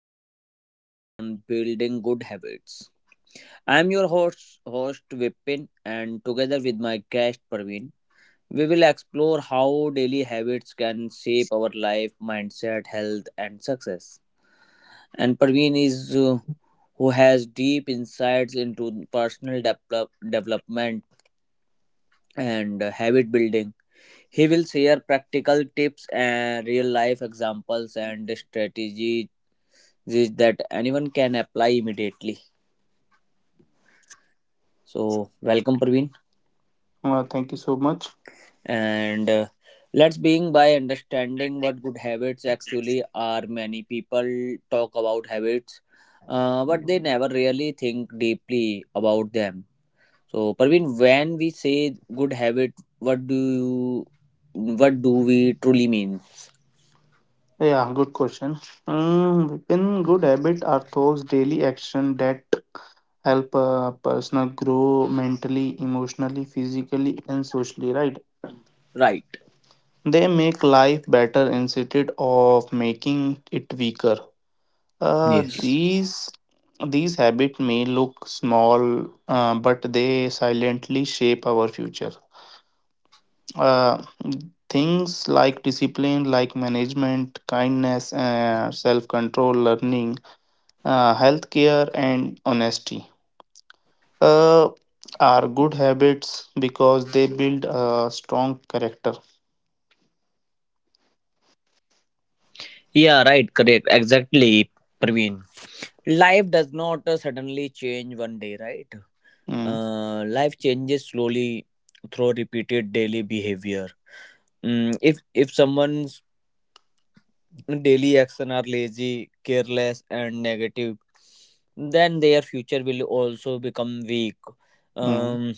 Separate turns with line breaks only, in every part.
podcast on building good habits. I'm your host, Vipin, and together with my guest Praveen, we will explore how daily habits can shape our life, mindset, health, and success. And Praveen is who has deep insights into personal development and habit building. He will share practical tips and real life examples and strategies this that anyone can apply immediately, so welcome, Praveen.
Thank you so much.
And let's begin by understanding what good habits actually are. Many people talk about habits, but they never really think deeply about them. So, Praveen, when we say good habit, what do you what do we truly mean?
Yeah, good question. In good habit are those daily action that help a person grow mentally, emotionally, physically, and socially. Right?
Right.
They make life better instead of making it weaker. Uh,
Yes.
these these habits may look small, but they silently shape our future. uh, Things like discipline like management kindness self-control learning healthcare and honesty uh, are good habits because they build a strong character.
Yeah, right, correct. Exactly, Praveen. Life does not suddenly change one day, right?
Mm,
Life changes slowly through repeated daily behavior. If someone's daily action are lazy, careless, and negative, then their future will also become weak.
mm.
Um,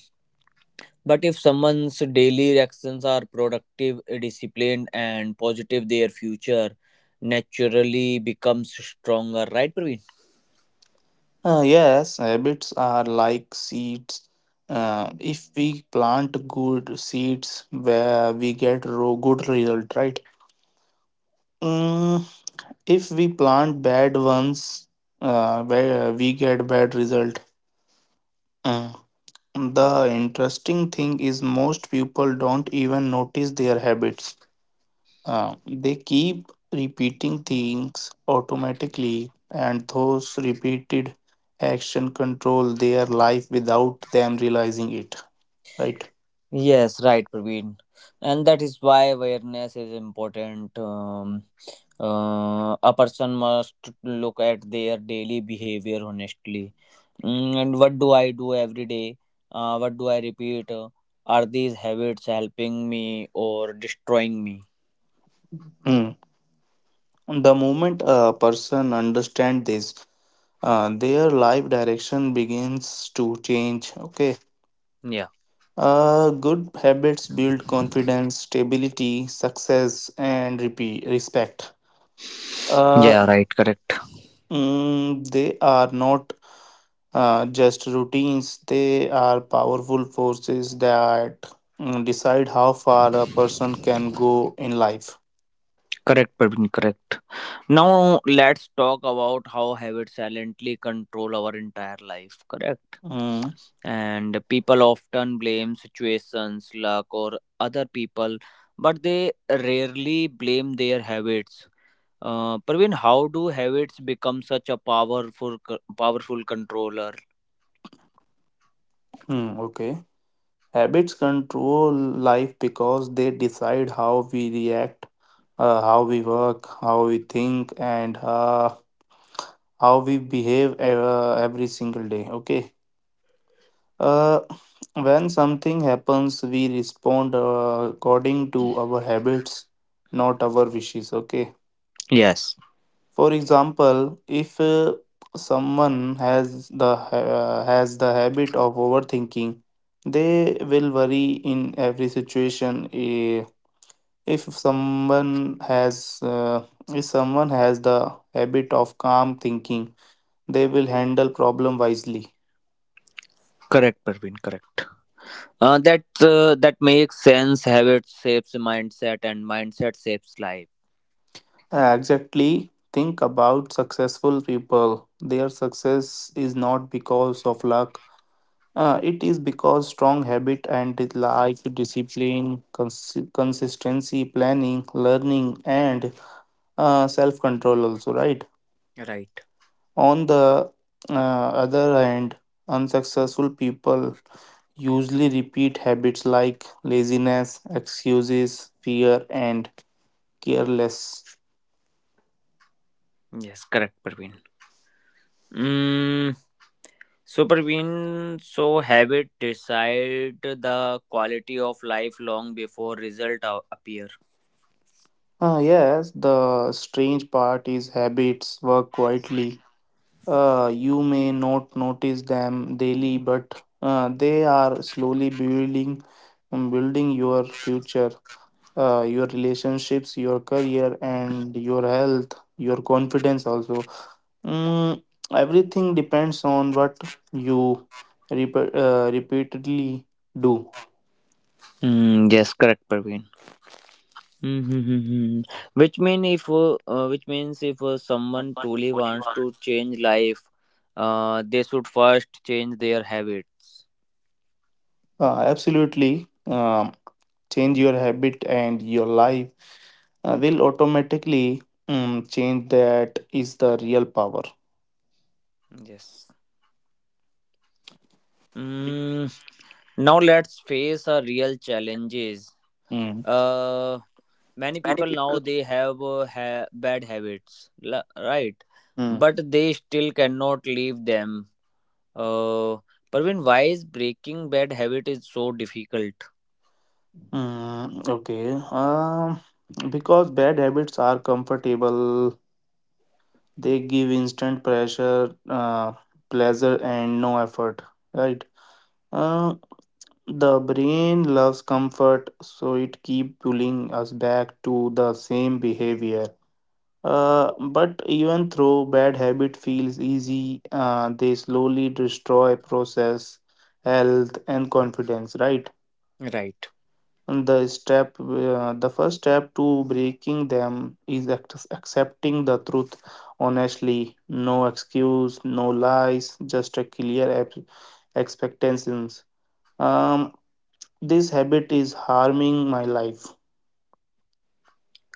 but if someone's daily actions are productive, disciplined, and positive, their future naturally becomes stronger. Right, Praveen?
Yes, habits are like seeds. If we plant good seeds where we get good result, right? Mm, If we plant bad ones, where we get bad result. Uh, the interesting thing is most people don't even notice their habits. They keep repeating things automatically, and those repeated action control their life without them realizing it. Right.
Yes, right, Praveen. And that is why awareness is important. A person must look at their daily behavior honestly. And what do I do every day? What do I repeat? Are these habits helping me or destroying me?
Hmm. The moment a person understands this, their life direction begins to change. Okay.
Yeah.
Good habits build confidence, stability, success, and respect. Uh,
Yeah, right, correct.
they are not just routines, they are powerful forces that decide how far a person can go in life.
Correct, Praveen, correct. Now let's talk about how habits silently control our entire life, correct?
Mm,
And people often blame situations, luck, or other people, but they rarely blame their habits. Praveen, how do habits become such a powerful, powerful controller?
mm, okay. Habits control life because they decide how we react, how we work, how we think, and how we behave every single day, okay. uh, when something happens, we respond according to our habits, not our wishes, okay.
Yes,
For example, if someone has the habit of overthinking, they will worry in every situation. If someone has uh, if someone has the habit of calm thinking, they will handle problem wisely.
correct, Praveen, correct. That makes sense. Habits shapes mindset, and mindset shapes life.
Exactly. Think about successful people. Their success is not because of luck. It is because strong habit and it like discipline, consistency, planning, learning, and self-control also, right?
Right.
On the uh, other hand, unsuccessful people usually repeat habits like laziness, excuses, fear, and careless.
Yes, correct, Praveen. Mm, Super win, so habit decide the quality of life long before result appear.
Yes, the strange part is habits work quietly. You may not notice them daily, but they are slowly building, building your future, your relationships, your career, and your health, your confidence also. Mm, Everything depends on what you repeatedly do.
Mm, yes, correct, Praveen. Mm-hmm. Which means if someone truly wants to change life, they should first change their habits.
Absolutely. Change your habit and your life will automatically change. That is the real power.
Yes. Mm, Now let's face our real challenges.
Mm.
Uh, Many
Many
people now
people.
they have bad habits, right,
Mm.
but they still cannot leave them. uh, Praveen, why is breaking bad habit is so difficult?
Mm, okay. Because bad habits are comfortable, they give instant pressure, pleasure, and no effort, right? Uh, the brain loves comfort, so it keep pulling us back to the same behavior. But even though bad habit feels easy, they slowly destroy process, health, and confidence. Right?
Right.
And the first step to breaking them is accepting the truth honestly. No excuse, no lies, just a clear expectations. Um, this habit is harming my life.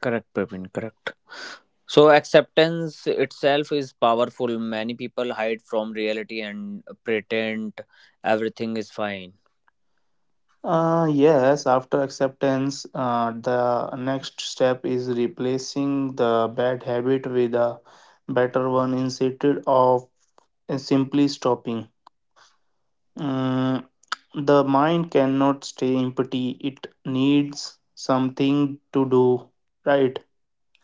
Correct, Praveen. Correct. So acceptance itself is powerful. Many people hide from reality and pretend everything is fine.
Yes, after acceptance, the next step is replacing the bad habit with a better one instead of simply stopping. Mm, the mind cannot stay empty, it needs something to do, right?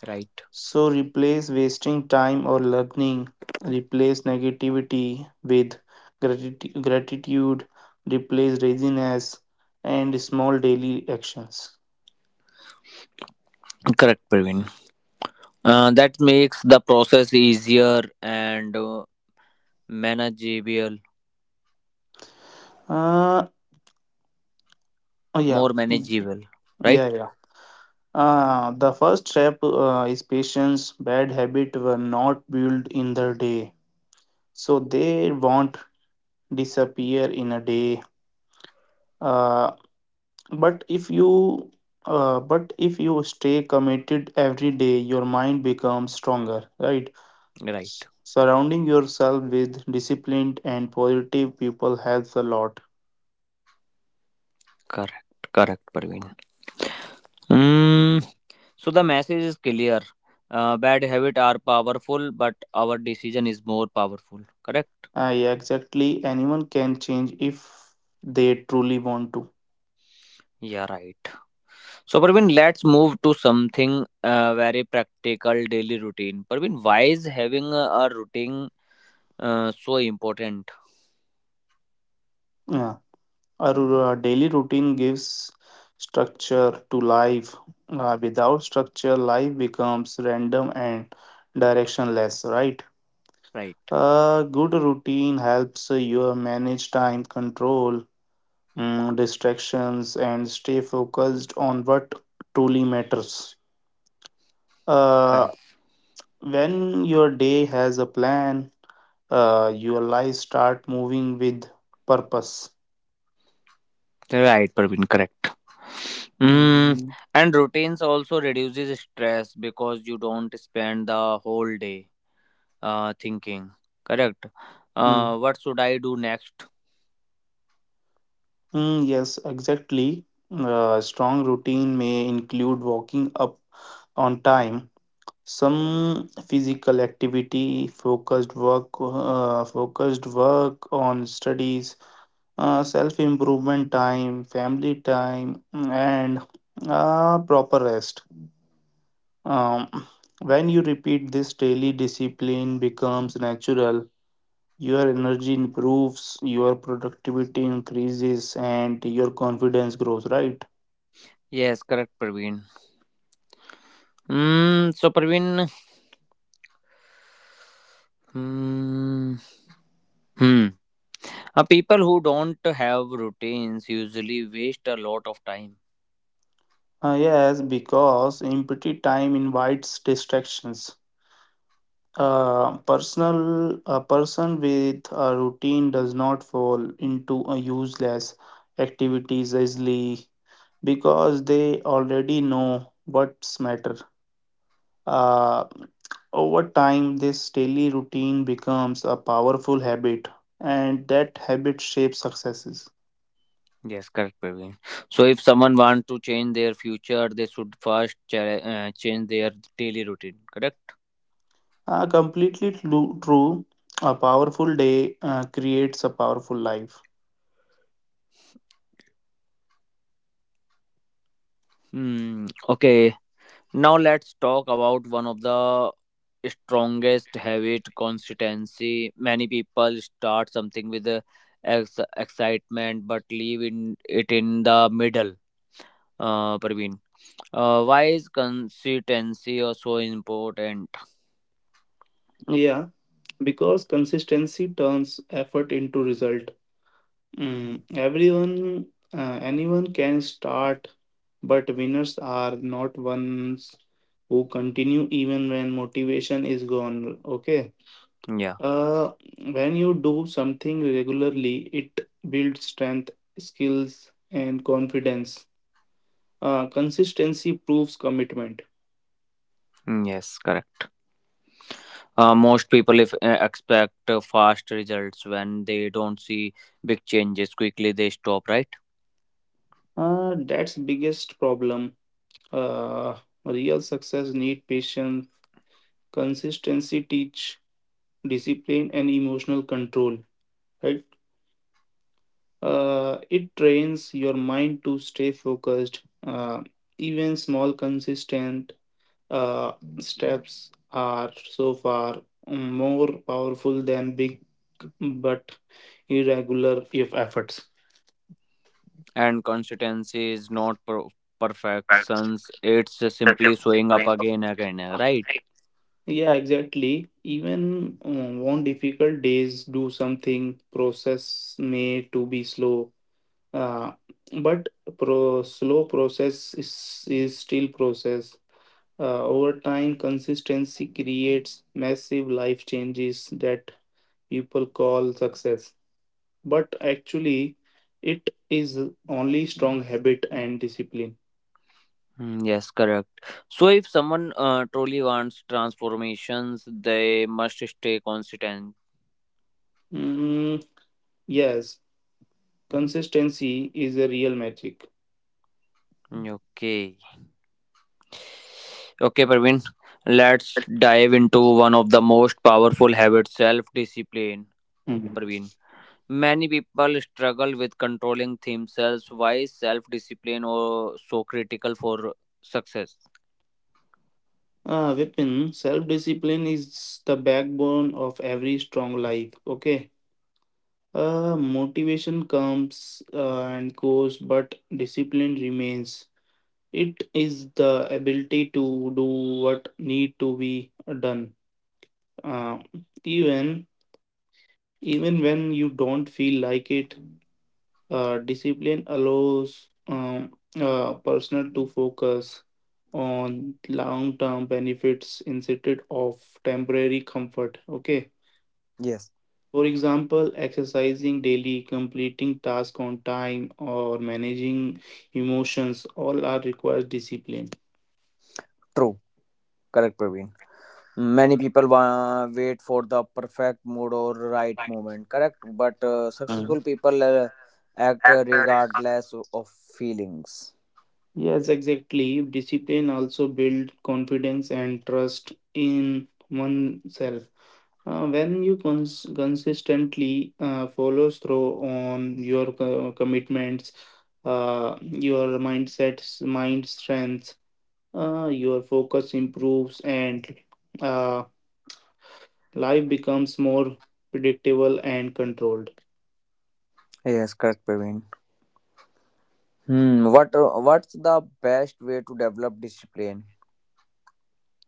Right.
So, replace wasting time or learning, replace negativity with gratitude, replace laziness, and small daily actions.
Correct, Praveen. That makes the process easier and manageable.
Uh, oh yeah,
More
mm,
manageable, right?
yeah, yeah. The first trap is patience. Bad habits were not built in the day, so they won't disappear in a day. Uh, but if you, but if you stay committed every day, your mind becomes stronger, right?
Right.
Surrounding yourself with disciplined and positive people helps a lot.
Correct. Correct, Parveen. Mm, so the message is clear. Bad habits are powerful, but our decision is more powerful. Correct?
Yeah, exactly. Anyone can change if they truly want to.
Yeah, right. So, Parveen, let's move to something very practical, daily routine. Parveen, why is having a routine so important?
Yeah. A daily routine gives structure to life. Without structure, life becomes random and directionless, right?
Right.
A good routine helps you manage time, control distractions, and stay focused on what truly matters. Uh,
Correct.
when your day has a plan, your life start moving with purpose.
Right, Parveen. Correct. Mm,
Mhm.
and routines also reduces stress because you don't spend the whole day thinking. Correct. What should I do next?
Yes, exactly. A strong routine may include walking up on time, some physical activity, focused work on studies, self-improvement time, family time, and proper rest. Um, when you repeat this daily, discipline becomes natural. Your energy improves, your productivity increases, and your confidence grows, right?
Yes, correct, Praveen. Mm, so, Praveen, hmm, hmm, people who don't have routines usually waste a lot of time.
Yes, because empty time invites distractions. A person with a routine does not fall into a useless activities easily because they already know what's matter. Uh, Over time, this daily routine becomes a powerful habit, and that habit shapes successes.
Yes, correct, Praveen. So, if someone wants to change their future, they should first change their daily routine. Correct.
Completely true. A powerful day creates a powerful life.
Hmm. Okay. Now let's talk about one of the strongest habit, consistency. Many people start something with the excitement but leave in it in the middle. Praveen, why is consistency also important?
Yeah, because consistency turns effort into result. Mm, everyone, Anyone can start, but winners are not ones who continue even when motivation is gone. Okay.
Yeah,
Uh, when you do something regularly, it builds strength, skills, and confidence. Consistency proves commitment.
mm, yes, correct. Most people if expect fast results. When they don't see big changes quickly, they stop, right?
That's biggest problem. Uh, Real success need patience. Consistency teach discipline and emotional control. Right? It trains your mind to stay focused. Uh, Even small consistent uh, steps are so far more powerful than big but irregular if efforts.
And consistency is not perfections. It's just simply showing up again and again, right?
Yeah, exactly. Even on difficult days, do something. Process may to be slow, uh, but pro slow process is still process. Over time, consistency creates massive life changes that people call success, but actually it is only strong habit and discipline.
Mm, yes, correct. So if someone truly wants transformations, they must stay consistent.
mm, yes, consistency is a real magic.
Mm, okay. Okay, Praveen, let's dive into one of the most powerful habits, self discipline.
Mhm.
Praveen, many people struggle with controlling themselves. Why is self discipline or so critical for success?
Weapon, self-discipline is the backbone of every strong life, okay. Motivation comes and goes, but discipline remains. It is the ability to do what need to be done, uh, even even when you don't feel like it. Discipline allows personnel to focus on long-term benefits instead of temporary comfort. Okay.
Yes,
For example, exercising daily, completing tasks on time, or managing emotions all are requires discipline.
true. Correct, Praveen. Many people wait for the perfect mood or right moment. Correct, but successful people act regardless of feelings.
Yes, exactly. Discipline also build confidence and trust in oneself. When you consistently follow through on your commitments, your mindsets, mind strength, your focus improves, and uh, life becomes more predictable and controlled.
Yes, correct, Praveen. Hmm. What's the best way to develop discipline?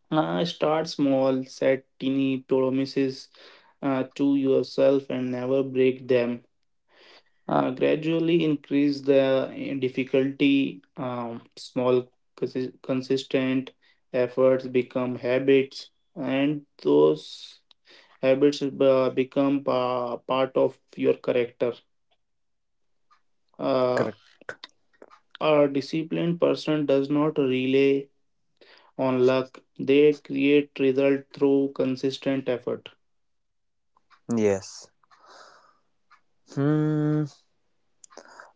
Start small, set tiny promises to yourself, and never break them. Gradually increase the difficulty. Small, consistent efforts become habits, and those habits become part of your character. Uh,
Correct.
a disciplined person does not rely on luck, they create result through consistent effort.
Yes. Hmm.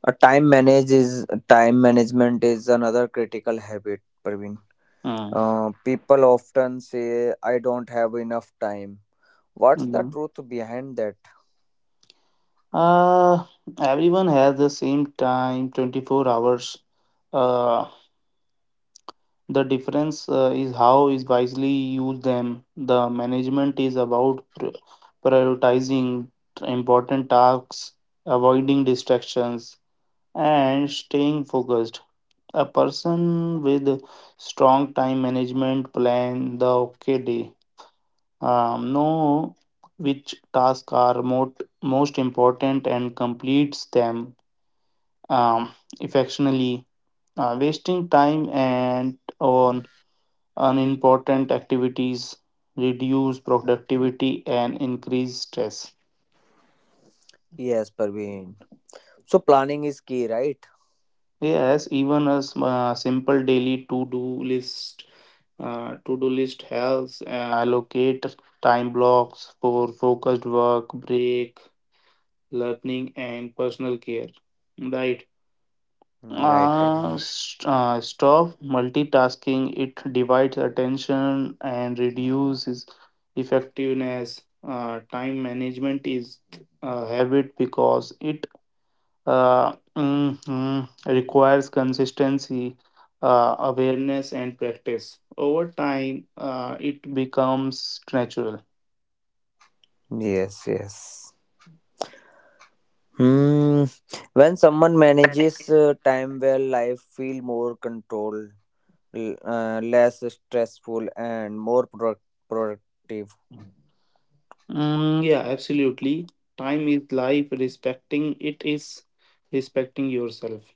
A time manage is time management is another critical habit, Praveen.
Mm,
People often say, "I don't have enough time." What's the
mm.
truth behind that?
Uh, Everyone has the same time, 24 hours. Uh, The difference is how is wisely use them. The management is about prioritizing important tasks, avoiding distractions, and staying focused. A person with strong time management plan the okay day. Know which tasks are most important and completes them um, effectively. Wasting time and on unimportant activities, reduce productivity, and increase stress.
Yes, Parveen. So planning is key, right?
Yes, even a simple daily to-do list helps allocate time blocks for focused work, break, learning, and personal care. Right.
Mm, right, Parveen.
Stop multitasking. It divides attention and reduces effectiveness. Time management is a habit because it mhm, requires consistency, awareness, and practice. Over time, it becomes natural.
Yes, yes. Hmm. When someone manages time well, life feel more controlled, less stressful, and more productive.
Yeah, absolutely. Time is life. Respecting it is respecting yourself.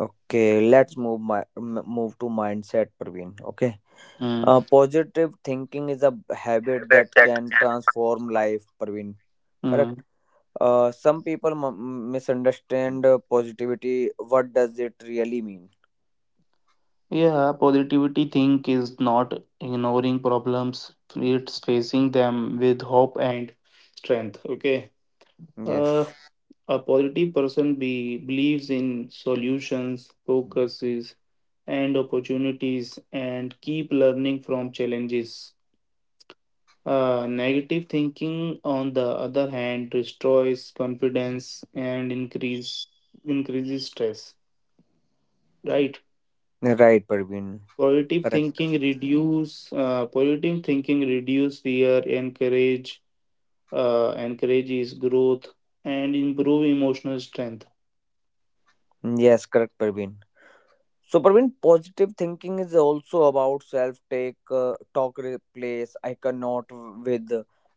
Okay, let's move my m- move to mindset, Parveen. Okay.
Mm,
Positive thinking is habit that can transform life, Parveen. Correct.
mm.
Some people misunderstand positivity. What does it really mean?
Yeah, positivity think is not ignoring problems, it's facing them with hope and strength. Okay. Uh,
Yes.
a positive person believes in solutions, focuses, and opportunities, and keep learning from challenges. Negative thinking, on the other hand, destroys confidence and increases stress. Right.
Right, Parveen.
Positive thinking
Correct.
reduce uh, positive thinking reduce fear, encourages growth, and improve emotional strength.
Yes, correct, Parveen. So, Parveen, positive thinking is also about talk. Replace "I cannot" with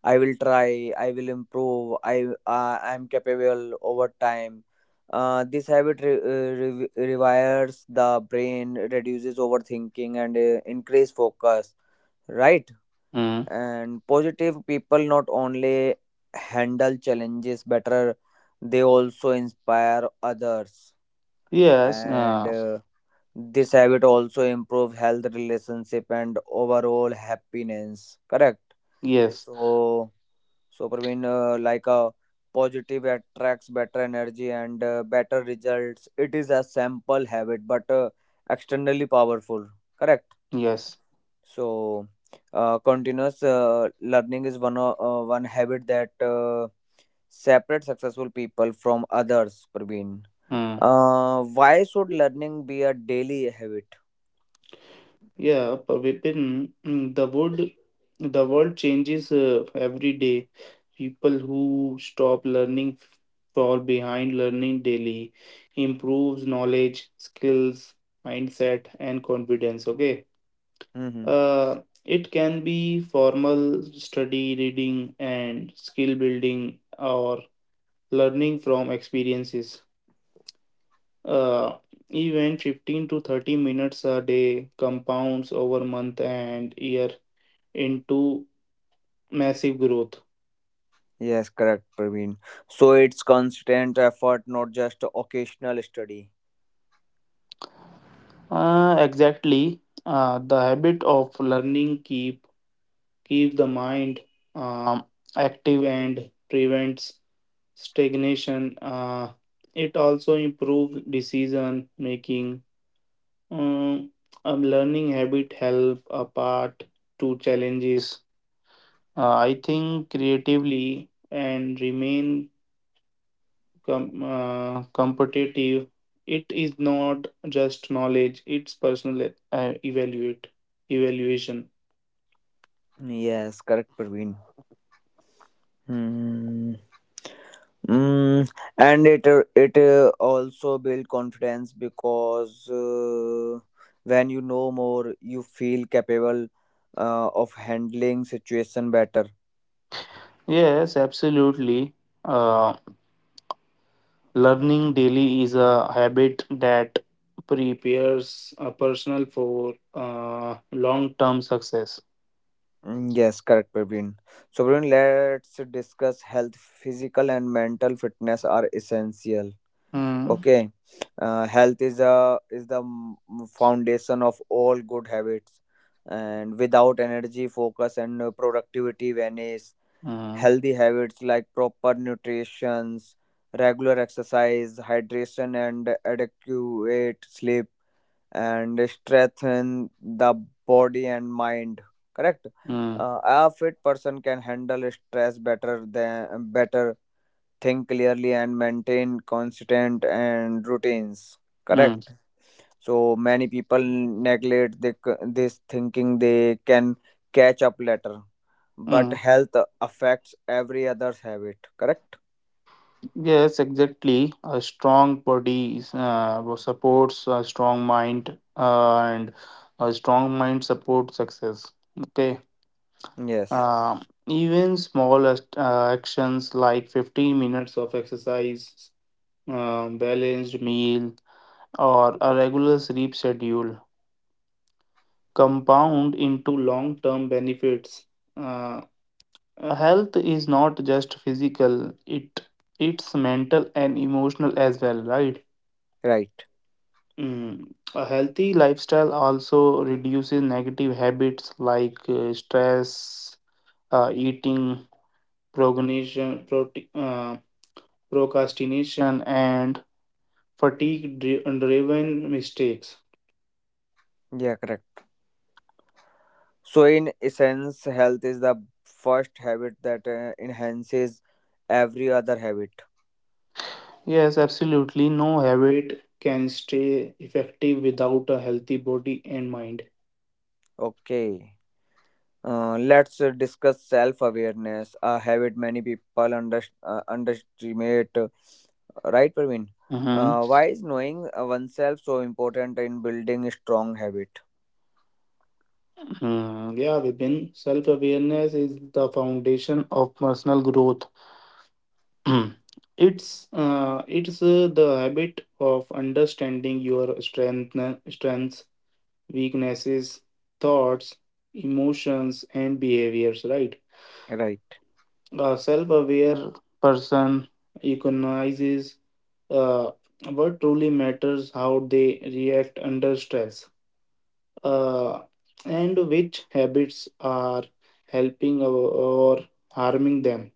"I will try. I will improve. I'm capable" over time. This habit rewires the brain, reduces overthinking, and increase focus. Right.
Mm.
And positive people not only handle challenges better, they also inspire others,
Yes,
and uh, this habit also improve health, relationship, and overall happiness, correct?
yes,
So, so Praveen, like a positive attracts better energy and better results. It is a simple habit but externally powerful, correct?
yes.
So, continuous learning is one habit that separates successful people from others. Praveen,
Mm.
why should learning be a daily habit?
Yeah, but Vipin, the world changes every day. People who stop learning fall behind, learning daily improves knowledge, skills, mindset, and confidence. Okay.
Mm-hmm.
Uh, it can be formal study, reading, and skill building, or learning from experiences. Uh, Even 15 to 30 minutes a day compounds over month and year into massive growth.
Yes, correct, Praveen. So it's constant effort, not just occasional study.
Exactly. The habit of learning keep the mind um, active and prevents stagnation. It also improves decision making. Um, a learning habit help a part to challenges. I think creatively and remain competitive. It is not just knowledge; it's personal evaluate evaluation.
Yes, correct, Praveen. Hmm. Mm, and it also build confidence, because when you know more, you feel capable of handling situation better.
Yes, absolutely. Uh, Learning daily is a habit that prepares a person for long-term success.
Mm, yes, correct, Praveen. So, Praveen, let's discuss health. Physical and mental fitness are essential.
Mm,
Okay. Health is a is the foundation of all good habits, and without energy, focus, and productivity vanish.
mm,
Healthy habits like proper nutrition, regular exercise, hydration, and adequate sleep, and strengthen the body and mind, correct?
mm,
A fit person can handle stress better than better, think clearly, and maintain consistent and routines,
mm,
correct? So many people neglect the, this, thinking they can catch up later, but
mm.
health affects every other habit, correct?
Yes, exactly. A strong body supports a strong mind, and a strong mind supports success. Okay.
Yes.
Uh, Even small actions like 15 minutes of exercise, balanced meal, or a regular sleep schedule compound into long term benefits. Uh, Health is not just physical, it's mental and emotional as well, right?
Right.
Mm. A healthy lifestyle also reduces negative habits like stress, eating, procrastination, and fatigue driven mistakes.
Yeah, correct. So, in essence, health is the first habit that enhances every other habit.
Yes, absolutely. No habit can stay effective without a healthy body and mind.
Okay. Let's discuss self-awareness, a habit many people underestimate. Right, Praveen?
Mhm.
Why is knowing oneself so important in building a strong habit?
Yeah, Vipin, self awareness is the foundation of personal growth. Mm. It's the habit of understanding your strengths, weaknesses, thoughts, emotions, and behaviors, right?
Right.
A self aware person recognizes uh, what truly matters, how they react under stress, uh, and which habits are helping or harming them.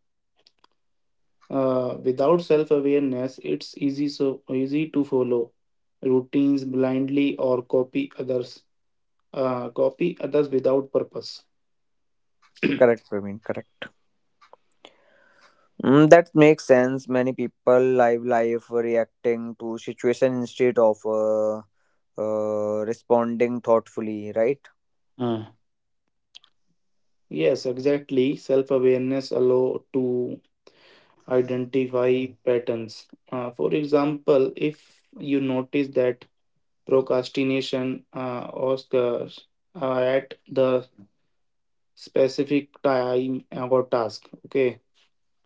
Without self awareness, it's easy, so easy to follow routines blindly or copy others without purpose.
Correct, Praveen. Correct. Mm, that makes sense. Many people live life reacting to situation instead of responding thoughtfully. Right.
Mm. Yes, exactly. Self awareness allow to identify patterns. For example, if you notice that procrastination occurs at the specific time or task, okay,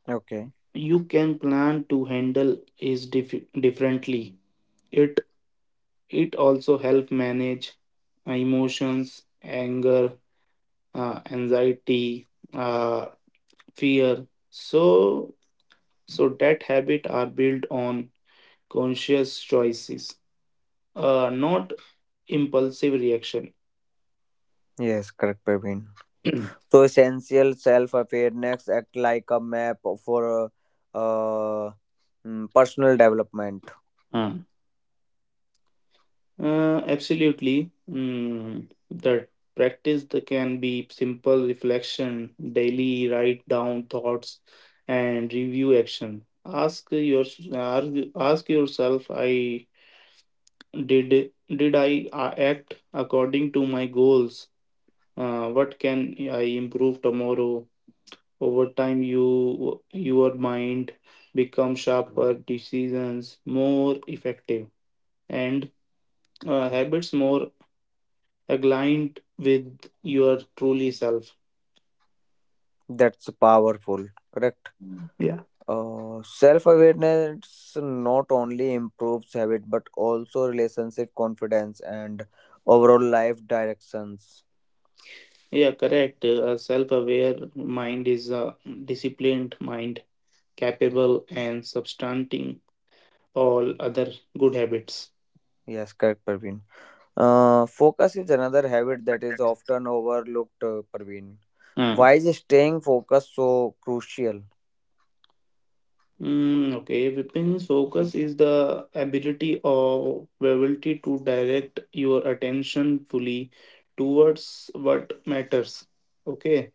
Okay.
you can plan to handle is differently. It it also help manage emotions, anger, anxiety, uh, fear. So that habit are built on conscious choices, not impulsive reaction.
Yes. Correct, Praveen. So, essential, self-awareness act like a map for uh, uh, personal development.
Hmm. Absolutely. The practice that can be simple reflection, daily write down thoughts, and review action. Ask yourself, I did I act according to my goals? What can I improve tomorrow? Over time, your mind becomes sharper, decisions more effective, and habits more aligned with your truly self.
That's powerful, correct?
Yeah.
Self-awareness not only improves habit but also relationship, confidence, and overall life directions.
Yeah, correct. A self-aware mind is a disciplined mind, capable and substanting all other good habits.
Yes, correct, Parveen. Focus is another habit that is often overlooked, Parveen.
Hmm.
Why is staying focused so crucial?
Okay, Vipin's focus is the ability to direct your attention fully towards what matters. Okay.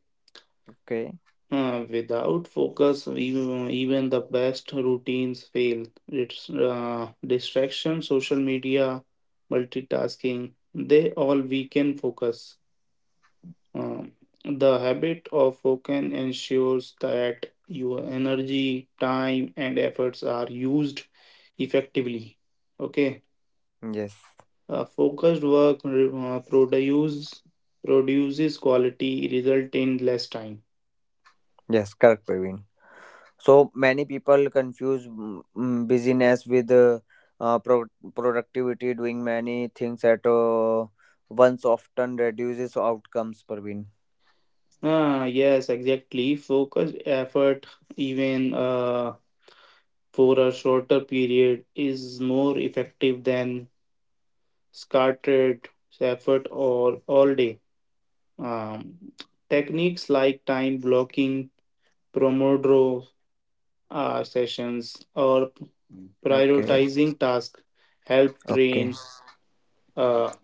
Okay.
Without focus, even the best routines fail. It's distraction, social media, multitasking, they all weaken focus. Uh, the habit of focus ensures that your energy, time, and efforts are used effectively. Okay,
Yes.
focused work produces quality, result in less time.
Yes, correct, Parveen. So many people confuse busyness with uh, pro- productivity. Doing many things at once often reduces outcomes, Parveen.
Yes, exactly. Focused effort, even for a shorter period, is more effective than scattered effort or all day. Um, Techniques like time blocking, Pomodoro sessions, or
Okay,
prioritizing tasks help
okay,
train uh,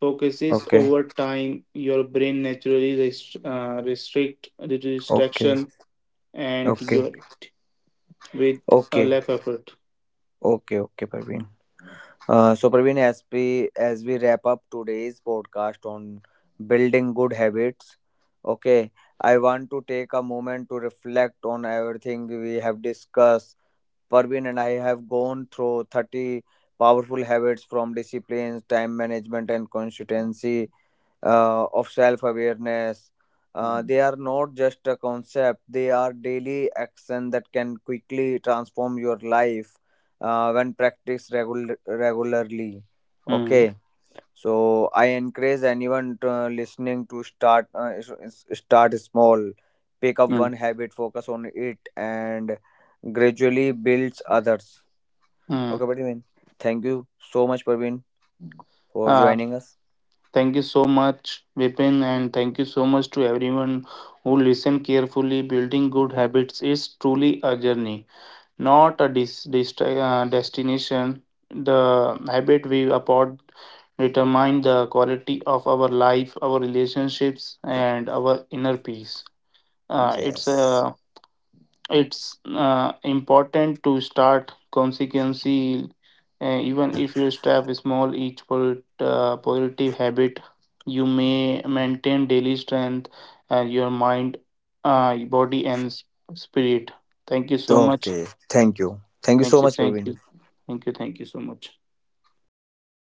focuses
okay,
over time. Your brain naturally restrict the
okay,
distraction and
okay,
your it with a
okay,
less effort.
okay, okay, Parveen. So, Parveen, as we wrap up today's podcast on building good habits, okay, I want to take a moment to reflect on everything we have discussed, Parveen, and I have gone through 30 powerful habits, from disciplines, time management, and consistency of self awareness. They are not just a concept, they are daily action that can quickly transform your life when practiced regularly.
Mm,
Okay, so I encourage anyone to, listening, to start small. Pick up
mm,
one habit, focus on it, and gradually builds others.
mm.
Okay, Praveen. Thank you so much, Praveen, for
Uh,
joining us.
Thank you so much, Vipin, and thank you so much to everyone who listened carefully. Building good habits is truly a journey, not a destination. The habit we upon determine the quality of our life, our relationships, and our inner peace. Uh, it's
Yes.
uh, it's important to start consequently, even if you start with small, each positive habit. You may maintain daily strength and your mind, body, and spirit. Thank you so much.
Okay, thank you, thank you
Thank
so
you,
much,
thank
Praveen.
you, thank you, thank you so much.